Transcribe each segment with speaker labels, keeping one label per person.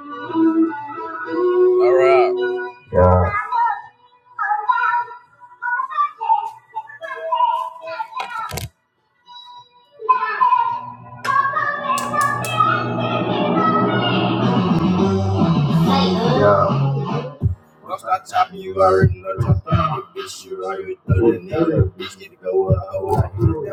Speaker 1: All right. Yeah. Yeah. Once I top you, I already know top Bitch, you already know the Bitch, get to go up.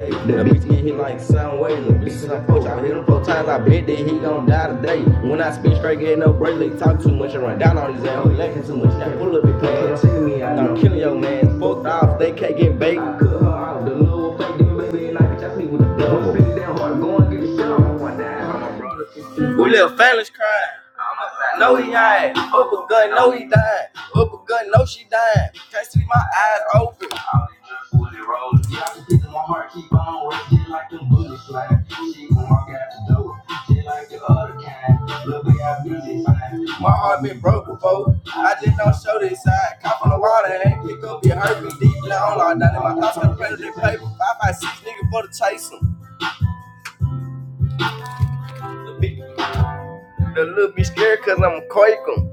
Speaker 1: The bitch get hit like sound wave. The bitch is like, coach, I hit him four times. I bet that he gon' die today. When I spit straight, get no break. talk too much and run down on his ass. He lacking too much. Now pull up and play. I'm killing your man. Fuck off. They can't get baked like We little families crying. No, he ain't. Up a gun, no, he dying. Up a gun, no, she dying. Can't see my eyes open. Yeah, I can pick my heart, keep on rushing like them bullet slide. She gon' walk out the door. Just like the other kind, look at how busy fine. My heart been broke before. I just don't show this side. Cop on the water and pick up your hurt me deep. Now I'm like down in my thoughts on the pen of paper. Five by six nigga for the chase 'em. The little bitch scared i I'm a quake 'em.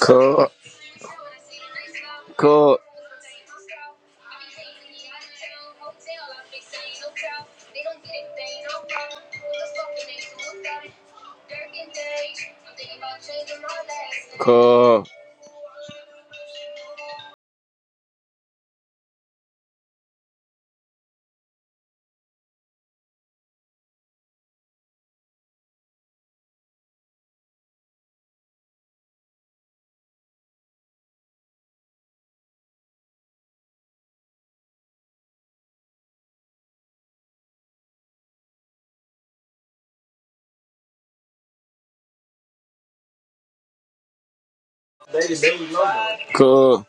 Speaker 2: Cool, cool. Cool, cool.